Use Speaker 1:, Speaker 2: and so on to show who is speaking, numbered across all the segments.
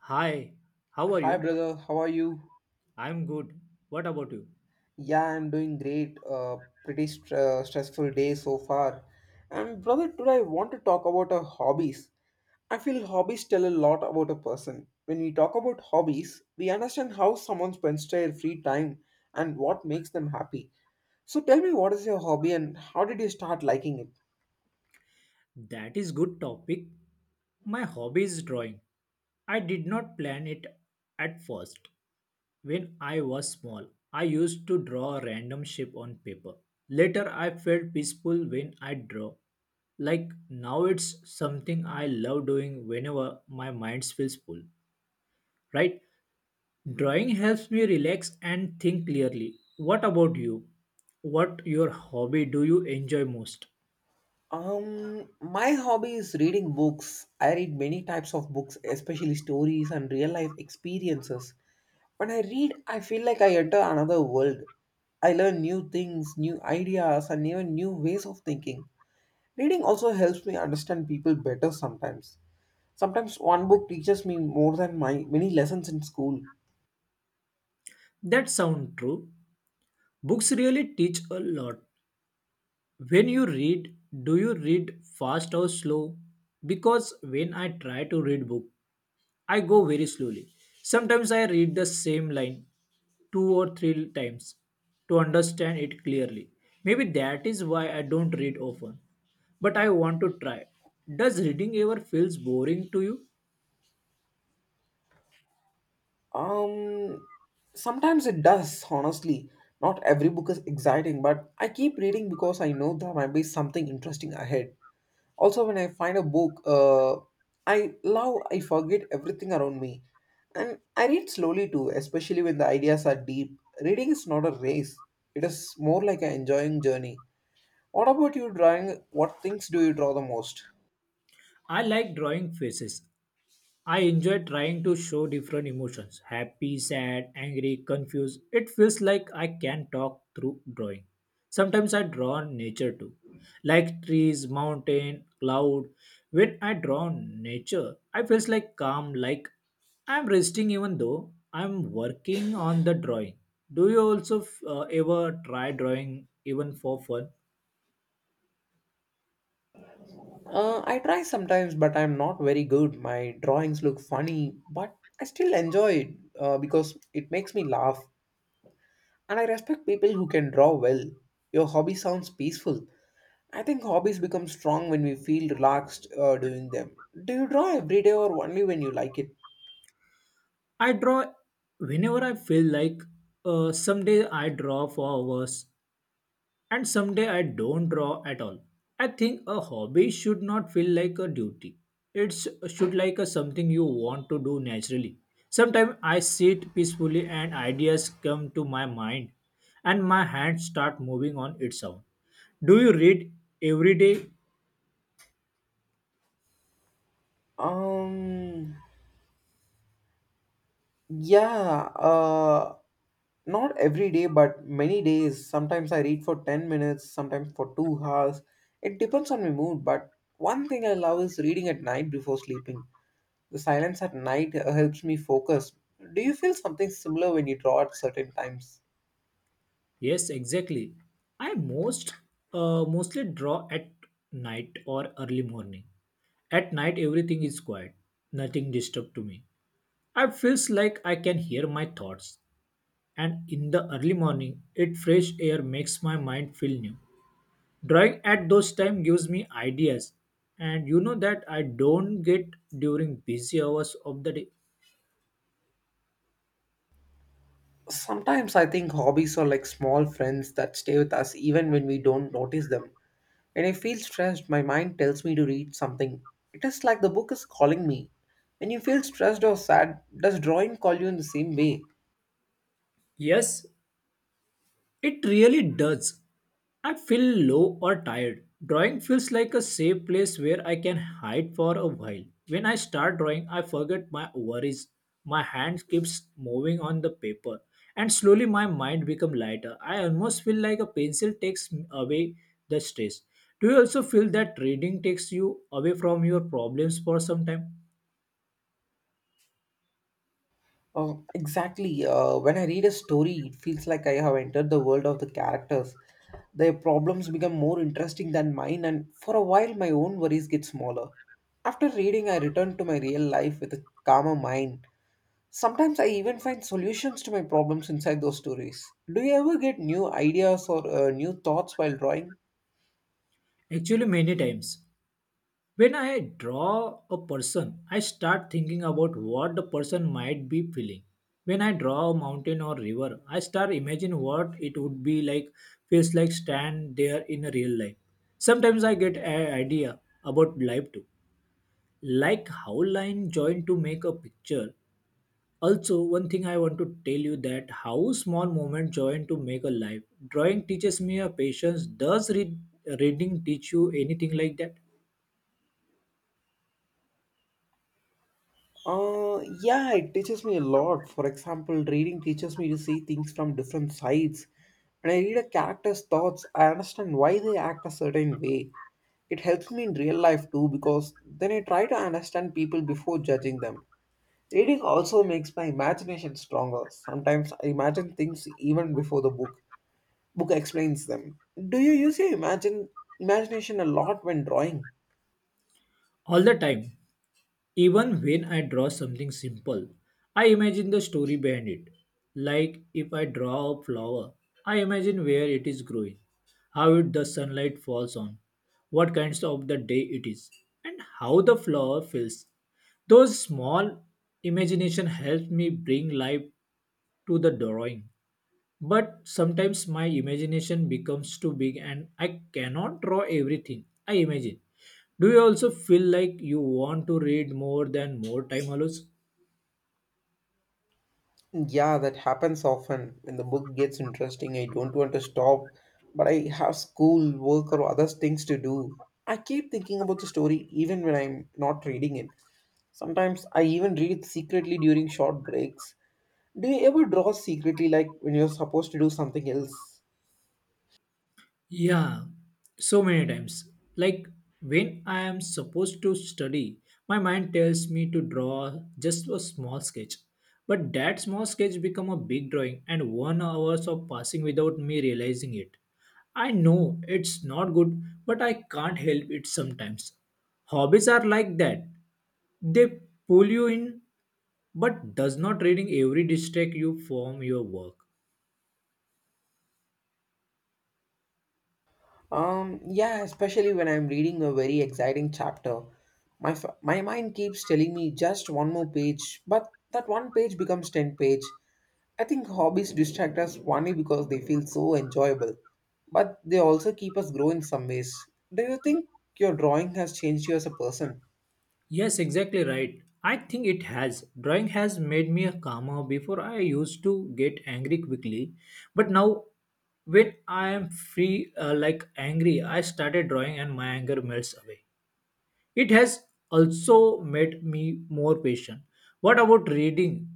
Speaker 1: Hi, how are
Speaker 2: Hi,
Speaker 1: you?
Speaker 2: brother. How are you?
Speaker 1: I'm good. What about you?
Speaker 2: Yeah, I'm doing great. Pretty stressful day so far. And brother, today I want to talk about our hobbies. I feel hobbies tell a lot about a person. When we talk about hobbies, we understand how someone spends their free time and what makes them happy. So tell me, what is your hobby and how did you start liking it?
Speaker 1: That is good topic. My hobby is drawing. I did not plan it at first. When I was small, I used to draw a random shape on paper. Later I felt peaceful when I draw. Like now it's something I love doing whenever my mind feels full, right? Drawing helps me relax and think clearly. What about you? What your hobby do you enjoy most?
Speaker 2: My hobby is reading books. I read many types of books, especially stories and real life experiences. When I read, I feel like I enter another world. I learn new things, new ideas, and even new ways of thinking. Reading also helps me understand people better sometimes. Sometimes one book teaches me more than my many lessons in school.
Speaker 1: That sound true. Books really teach a lot. When you read, do you read fast or slow? Because when I try to read book, I go very slowly. Sometimes I read the same line two or three times to understand it clearly. Maybe that is why I don't read often. But I want to try. Does reading ever feels boring to you?
Speaker 2: Um, Sometimes it does, honestly. Not every book is exciting, but I keep reading because I know there might be something interesting ahead. Also, when I find a book I love, I forget everything around me. And I read slowly too, especially when the ideas are deep. Reading is not a race, it is more like an enjoying journey. What about you drawing? What things do you draw the most?
Speaker 1: I like drawing faces. I enjoy trying to show different emotions happy, sad, angry, confused. It feels like I can talk through drawing. Sometimes I draw nature too, like trees, mountain, cloud. When I draw nature, I feel like calm, like I'm resting even though I'm working on the drawing. Do you also ever try drawing even for fun?
Speaker 2: I try sometimes, but I'm not very good. My drawings look funny, but I still enjoy it because it makes me laugh. And I respect people who can draw well. Your hobby sounds peaceful. I think hobbies become strong when we feel relaxed doing them. Do you draw every day or only when you like it?
Speaker 1: I draw whenever I feel like someday I draw for hours and someday I don't draw at all. I think a hobby should not feel like a duty. It should like a something you want to do naturally. Sometimes I sit peacefully and ideas come to my mind and my hands start moving on its own. Do you read every day?
Speaker 2: Um, yeah. Not every day, but many days. Sometimes I read for 10 minutes, sometimes for 2 hours. It depends on my mood, but one thing I love is reading at night before sleeping. The silence at night helps me focus. Do you feel something similar when you draw at certain times?
Speaker 1: Yes, exactly. I mostly draw at night or early morning. At night everything is quiet. Nothing disturbs to me. I feels like I can hear my thoughts, and in the early morning, it fresh air makes my mind feel new. Drawing at those time gives me ideas, and you know that I don't get during busy hours of the day.
Speaker 2: Sometimes I think hobbies are like small friends that stay with us even when we don't notice them. When I feel stressed, my mind tells me to read something. It is like the book is calling me. When you feel stressed or sad, does drawing call you in the same way?
Speaker 1: Yes, it really does. I feel low or tired. Drawing feels like a safe place where I can hide for a while. When I start drawing, I forget my worries. My hand keeps moving on the paper, and slowly my mind becomes lighter. I almost feel like a pencil takes away the stress. Do you also feel that reading takes you away from your problems for some time?
Speaker 2: Exactly. When I read a story, it feels like I have entered the world of the characters. Their problems become more interesting than mine, and for a while, my own worries get smaller. After reading, I return to my real life with a calmer mind. Sometimes I even find solutions to my problems inside those stories. Do you ever get new ideas or new thoughts while drawing?
Speaker 1: Actually, many times. When I draw a person, I start thinking about what the person might be feeling. When I draw a mountain or river, I start imagine what it would be like, feels like stand there in a real life. Sometimes I get an idea about life too, like how line join to make a picture. Also, one thing I want to tell you that how small moment join to make a life. Drawing teaches me a patience. Reading teach you anything like that?
Speaker 2: Yeah, it teaches me a lot. For example, reading teaches me to see things from different sides. When I read a character's thoughts, I understand why they act a certain way. It helps me in real life too because then I try to understand people before judging them. Reading also makes my imagination stronger. Sometimes I imagine things even before the book explains them. Do you use your imagine imagination a lot when drawing?
Speaker 1: All the time. Even when I draw something simple, I imagine the story behind it. Like if I draw a flower, I imagine where it is growing, how it, the sunlight falls on, what kinds of the day it is, and how the flower feels. Those small imagination helps me bring life to the drawing but sometimes my imagination becomes too big and I cannot draw everything I imagine. Do you also feel like you want to read more than more time allows?
Speaker 2: Yeah, that happens often. When the book gets interesting, I don't want to stop, but I have school, work, or other things to do. I keep thinking about the story even when I'm not reading it. Sometimes I even read secretly during short breaks. Do you ever draw secretly, like when you're supposed to do something else?
Speaker 1: Yeah, so many times. Like when I am supposed to study, my mind tells me to draw just a small sketch. But that small sketch become a big drawing and 1 hour of passing without me realizing it. I know it's not good, but I can't help it sometimes. Hobbies are like that. They pull you in but does not reading every distract you from your work.
Speaker 2: Yeah, especially when I'm reading a very exciting chapter. My mind keeps telling me just one more page, but that one page becomes 10 page. I think hobbies distract us only because they feel so enjoyable, but they also keep us grow in some ways. Do you think your drawing has changed you as a person?
Speaker 1: Yes, exactly right. I think it has. Drawing has made me a calmer. Before I used to get angry quickly, but now when I am free, like angry, I started drawing and my anger melts away. It has also made me more patient. What about reading?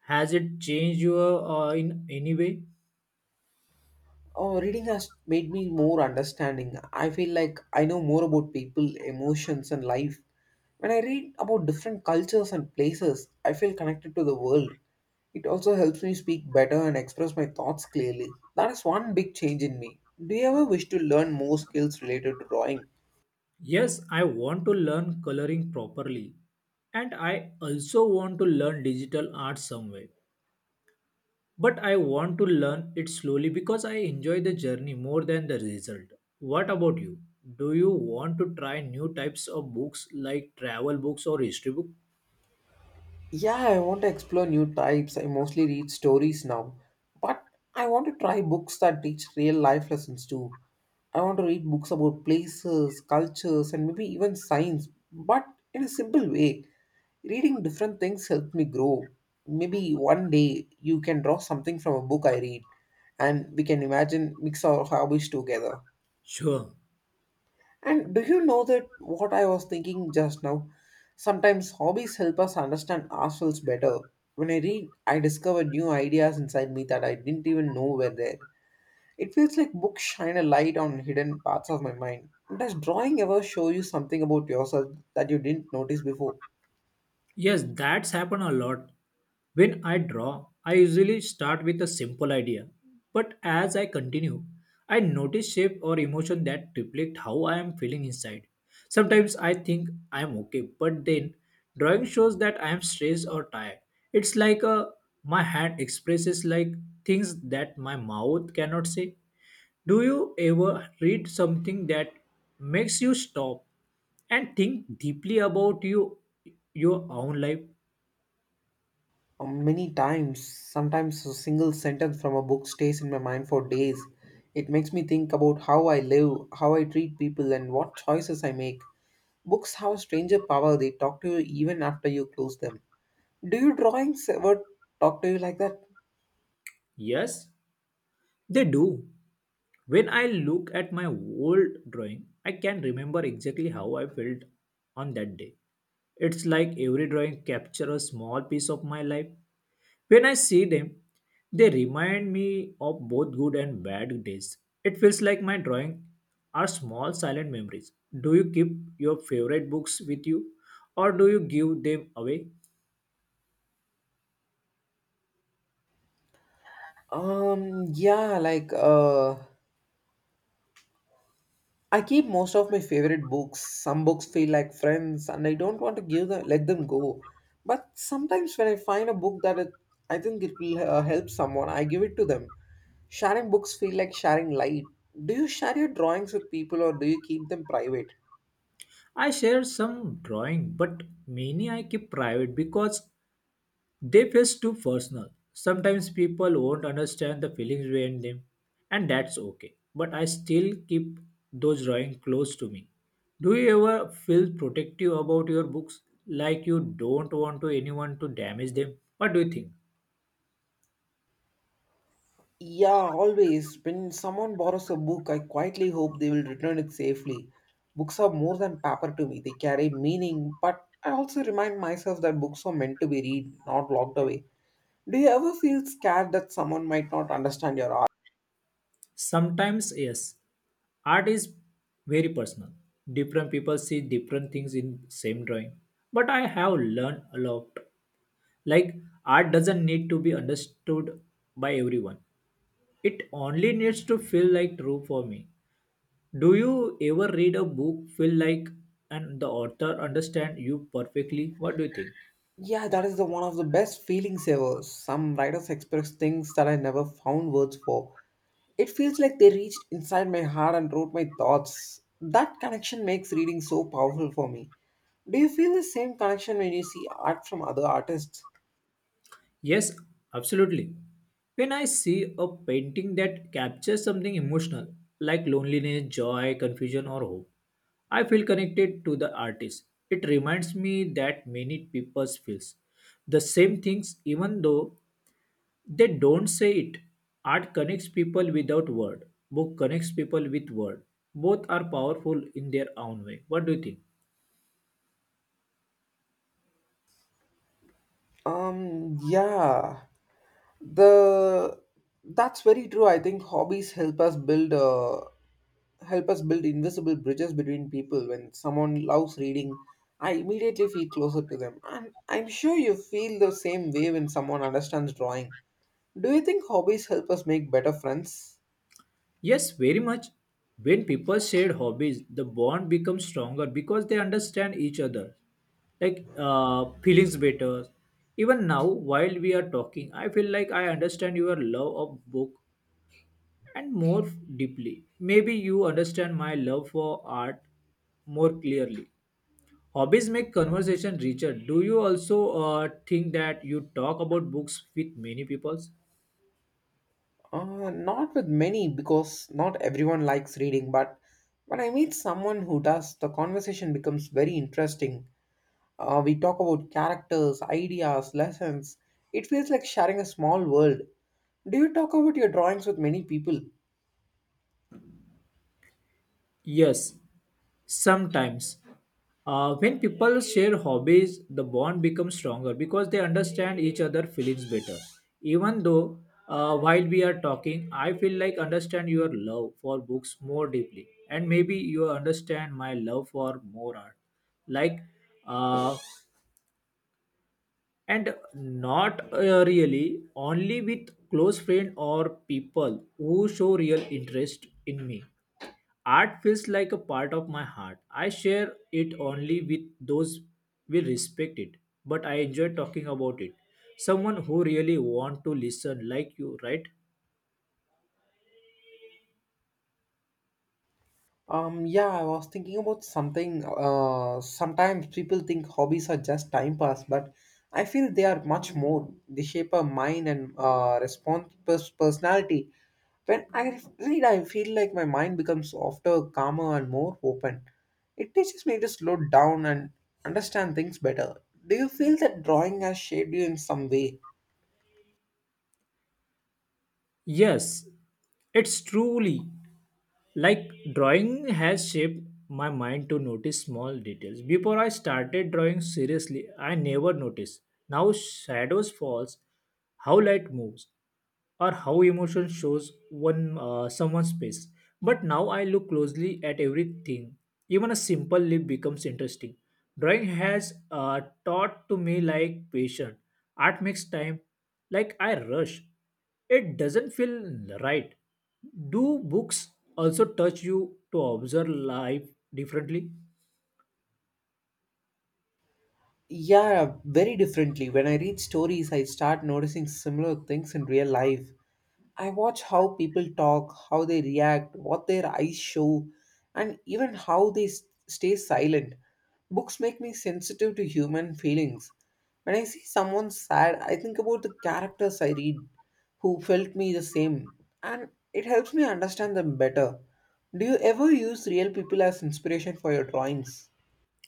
Speaker 1: Has it changed you in any way?
Speaker 2: Oh, reading has made me more understanding. I feel like I know more about people, emotions, and life. When I read about different cultures and places, I feel connected to the world. It also helps me speak better and express my thoughts clearly. That is one big change in me. Do you ever wish to learn more skills related to drawing?
Speaker 1: Yes, I want to learn coloring properly, and I also want to learn digital art some way. But I want to learn it slowly because I enjoy the journey more than the result. What about you? Do you want to try new types of books like travel books or history book?
Speaker 2: Yeah, I want to explore new types. I mostly read stories now, but I want to try books that teach real life lessons too. I want to read books about places, cultures, and maybe even science, but in a simple way. Reading different things helped me grow. Maybe one day you can draw something from a book I read, and we can imagine mix our hobbies together.
Speaker 1: Sure.
Speaker 2: And do you know that what I was thinking just now? Sometimes hobbies help us understand ourselves better. When I read, I discover new ideas inside me that I didn't even know were there. It feels like books shine a light on hidden parts of my mind. Does drawing ever show you something about yourself that you didn't notice before?
Speaker 1: Yes, that's happened a lot. When I draw, I usually start with a simple idea. But as I continue, I notice shape or emotion that reflect how I am feeling inside. Sometimes I think I am okay, but then drawing shows that I am stressed or tired. It's like a my hand expresses like things that my mouth cannot say. Do you ever read something that makes you stop and think deeply about you, your own life?
Speaker 2: Many times. Sometimes a single sentence from a book stays in my mind for days. It makes me think about how I live, how I treat people, and what choices I make. Books have stranger power. They talk to you even after you close them. Do you drawings ever talk to you like that?
Speaker 1: Yes, they do. When I look at my old drawing, I can remember exactly how I felt on that day. It's like every drawing captures a small piece of my life. When I see them, they remind me of both good and bad days. It feels like my drawing are small silent memories. Do you keep your favorite books with you or do you give them away?
Speaker 2: Yeah, I keep most of my favorite books. Some books feel like friends and I don't want to give them let them go. But sometimes when I find a book that it, I think it will help someone, I give it to them. Sharing books feel like sharing light. Do you share your drawings with people or do you keep them private?
Speaker 1: I share some drawing, but many I keep private because they feel too personal. Sometimes people won't understand the feelings behind them, and that's okay. But I still keep those drawings close to me. Do you ever feel protective about your books, like you don't want to anyone to damage them? What do you think?
Speaker 2: Yeah, always. When someone borrows a book, I quietly hope they will return it safely. Books are more than paper to me, they carry meaning, but I also remind myself that books are meant to be read, not locked away. Do you ever feel scared that someone might not understand your art?
Speaker 1: Sometimes, yes. Art is very personal. Different people see different things in same drawing. But I have learned a lot. Like art doesn't need to be understood by everyone. It only needs to feel like true for me. Do you ever read a book feel like and the author understand you perfectly? What do you think?
Speaker 2: Yeah, that is the one of the best feelings ever. Some writers express things that I never found words for. It feels like they reached inside my heart and wrote my thoughts. That connection makes reading so powerful for me. Do you feel the same connection when you see art from other artists?
Speaker 1: Yes, absolutely. When I see a painting that captures something emotional like loneliness, joy, confusion or hope, I feel connected to the artist. It reminds me that many people feels the same things even though they don't say it. Art connects people without word. Book connects people with word. Both are powerful in their own way. What do you think?
Speaker 2: Yeah, the that's very true. I think hobbies help us build invisible bridges between people. When someone loves reading, I immediately feel closer to them, and I'm sure you feel the same way when someone understands drawing. Do you think hobbies help us make better friends?
Speaker 1: Yes, very much. When people share hobbies, the bond becomes stronger because they understand each other. Like feelings better. Even now, while we are talking, I feel like I understand your love of book and more deeply. Maybe you understand my love for art more clearly. Hobbies make conversation richer. Do you also think that you talk about books with many people?
Speaker 2: Not with many, because not everyone likes reading, but when I meet someone who does, the conversation becomes very interesting. We talk about characters, ideas, lessons. It feels like sharing a small world. Do you talk about your drawings with many people?
Speaker 1: Yes, sometimes. When people share hobbies, the bond becomes stronger because they understand each other' feelings better. Even though while we are talking, I feel like understand your love for books more deeply, and maybe you understand my love for more art. Like uh, and not really only with close friend or people who show real interest in me art feels like a part of my heart I share it only with those who respect it but I enjoy talking about it someone who really want to listen like you right
Speaker 2: Yeah, I was thinking about something. Sometimes people think hobbies are just time pass, but I feel they are much more. They shape our mind and personality. When I read, I feel like my mind becomes softer, calmer, and more open. It teaches me to slow down and understand things better. Do you feel that drawing has shaped you in some way?
Speaker 1: yes it's truly. Like drawing has shaped my mind to notice small details. Before I started drawing seriously, I never noticed. Now shadows falls, how light moves, or how emotion shows one someone's face. But now I look closely at everything. Even a simple leaf becomes interesting. Drawing has taught to me like patient. Art makes time, like I rush. It doesn't feel right. Do books also touch you to observe life differently?
Speaker 2: Yeah, very differently. When I read stories, I start noticing similar things in real life. I watch how people talk, how they react, what their eyes show, and even how they stay silent. Books make me sensitive to human feelings. When I see someone sad, I think about the characters I read who felt me the same, and it helps me understand them better. Do you ever use real people as inspiration for your drawings?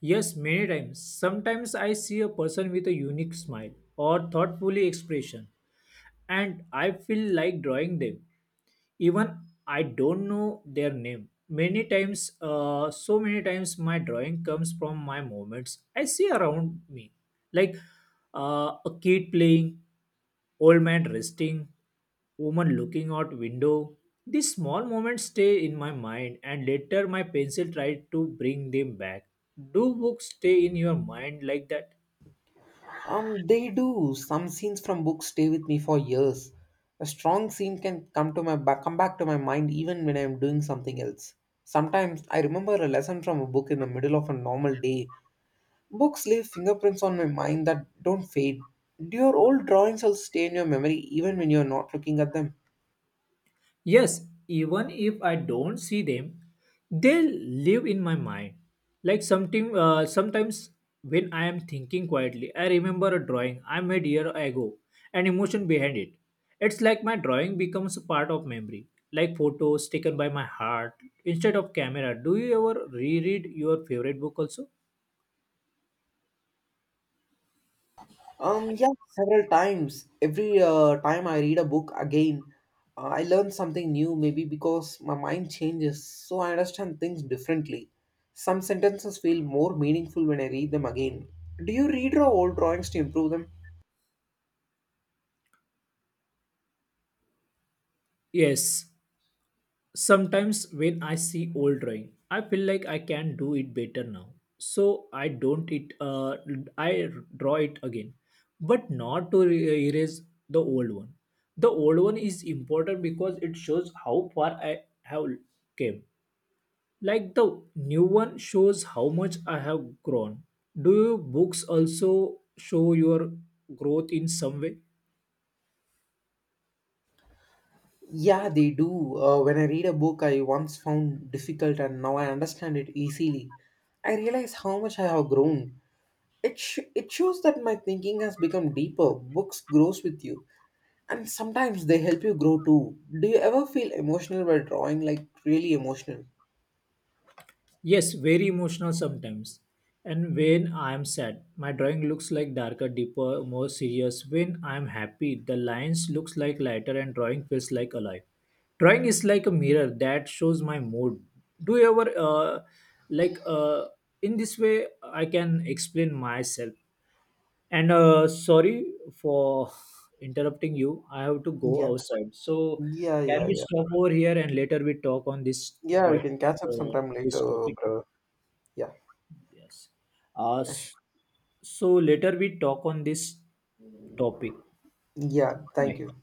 Speaker 1: Yes, many times. Sometimes I see a person with a unique smile or thoughtfully expression and I feel like drawing them. Even I don't know their name. Many times, so many times, my drawing comes from my moments I see around me, like a kid playing, old man resting, woman looking out window. These small moments stay in my mind and later my pencil tried to bring them back. Do books stay in your mind like that?
Speaker 2: They do. Some scenes from books stay with me for years. A strong scene can come to my back, come back to my mind even when I'm doing something else. Sometimes I remember a lesson from a book in the middle of a normal day. Books leave fingerprints on my mind that don't fade. Do your old drawings also stay in your memory even when you're not looking at them?
Speaker 1: Yes, even if I don't see them, they live in my mind. Like something, sometimes when I am thinking quietly, I remember a drawing I made year ago, and emotion behind it. It's like my drawing becomes a part of memory, like photos taken by my heart instead of camera. Do you ever reread your favorite book also?
Speaker 2: Yeah, several times. Every time I read a book again, I learn something new, maybe because my mind changes, so I understand things differently. Some sentences feel more meaningful when I read them again. Do you read your old drawings to improve them?
Speaker 1: Yes, sometimes when I see old drawing, I feel like I can do it better now. So I don't it uh, I draw it again, but not to erase the old one. The old one is important because it shows how far I have came. Like the new one shows how much I have grown. Do your books also show your growth in some way?
Speaker 2: Yeah, they do. When I read a book I once found difficult and now I understand it easily, I realize how much I have grown. It shows that my thinking has become deeper. Books grows with you. And sometimes they help you grow too. Do you ever feel emotional while drawing, like really emotional?
Speaker 1: Yes, very emotional sometimes. And when I am sad, my drawing looks like darker, deeper, more serious. When I am happy, the lines looks like lighter and drawing feels like alive. Drawing is like a mirror that shows my mood. Do you ever like uh, in this way I can explain myself. And sorry for interrupting you. I have to go
Speaker 2: Yeah,
Speaker 1: outside. So
Speaker 2: yeah,
Speaker 1: can
Speaker 2: yeah,
Speaker 1: we
Speaker 2: yeah.
Speaker 1: stop over here and later we talk on this
Speaker 2: Yeah, we
Speaker 1: point
Speaker 2: can catch up
Speaker 1: uh,
Speaker 2: sometime
Speaker 1: this
Speaker 2: later,
Speaker 1: topic?
Speaker 2: bro. Yeah,
Speaker 1: Yes. Uh,
Speaker 2: yes.
Speaker 1: s- so later we talk on this topic.
Speaker 2: Yeah, thank you.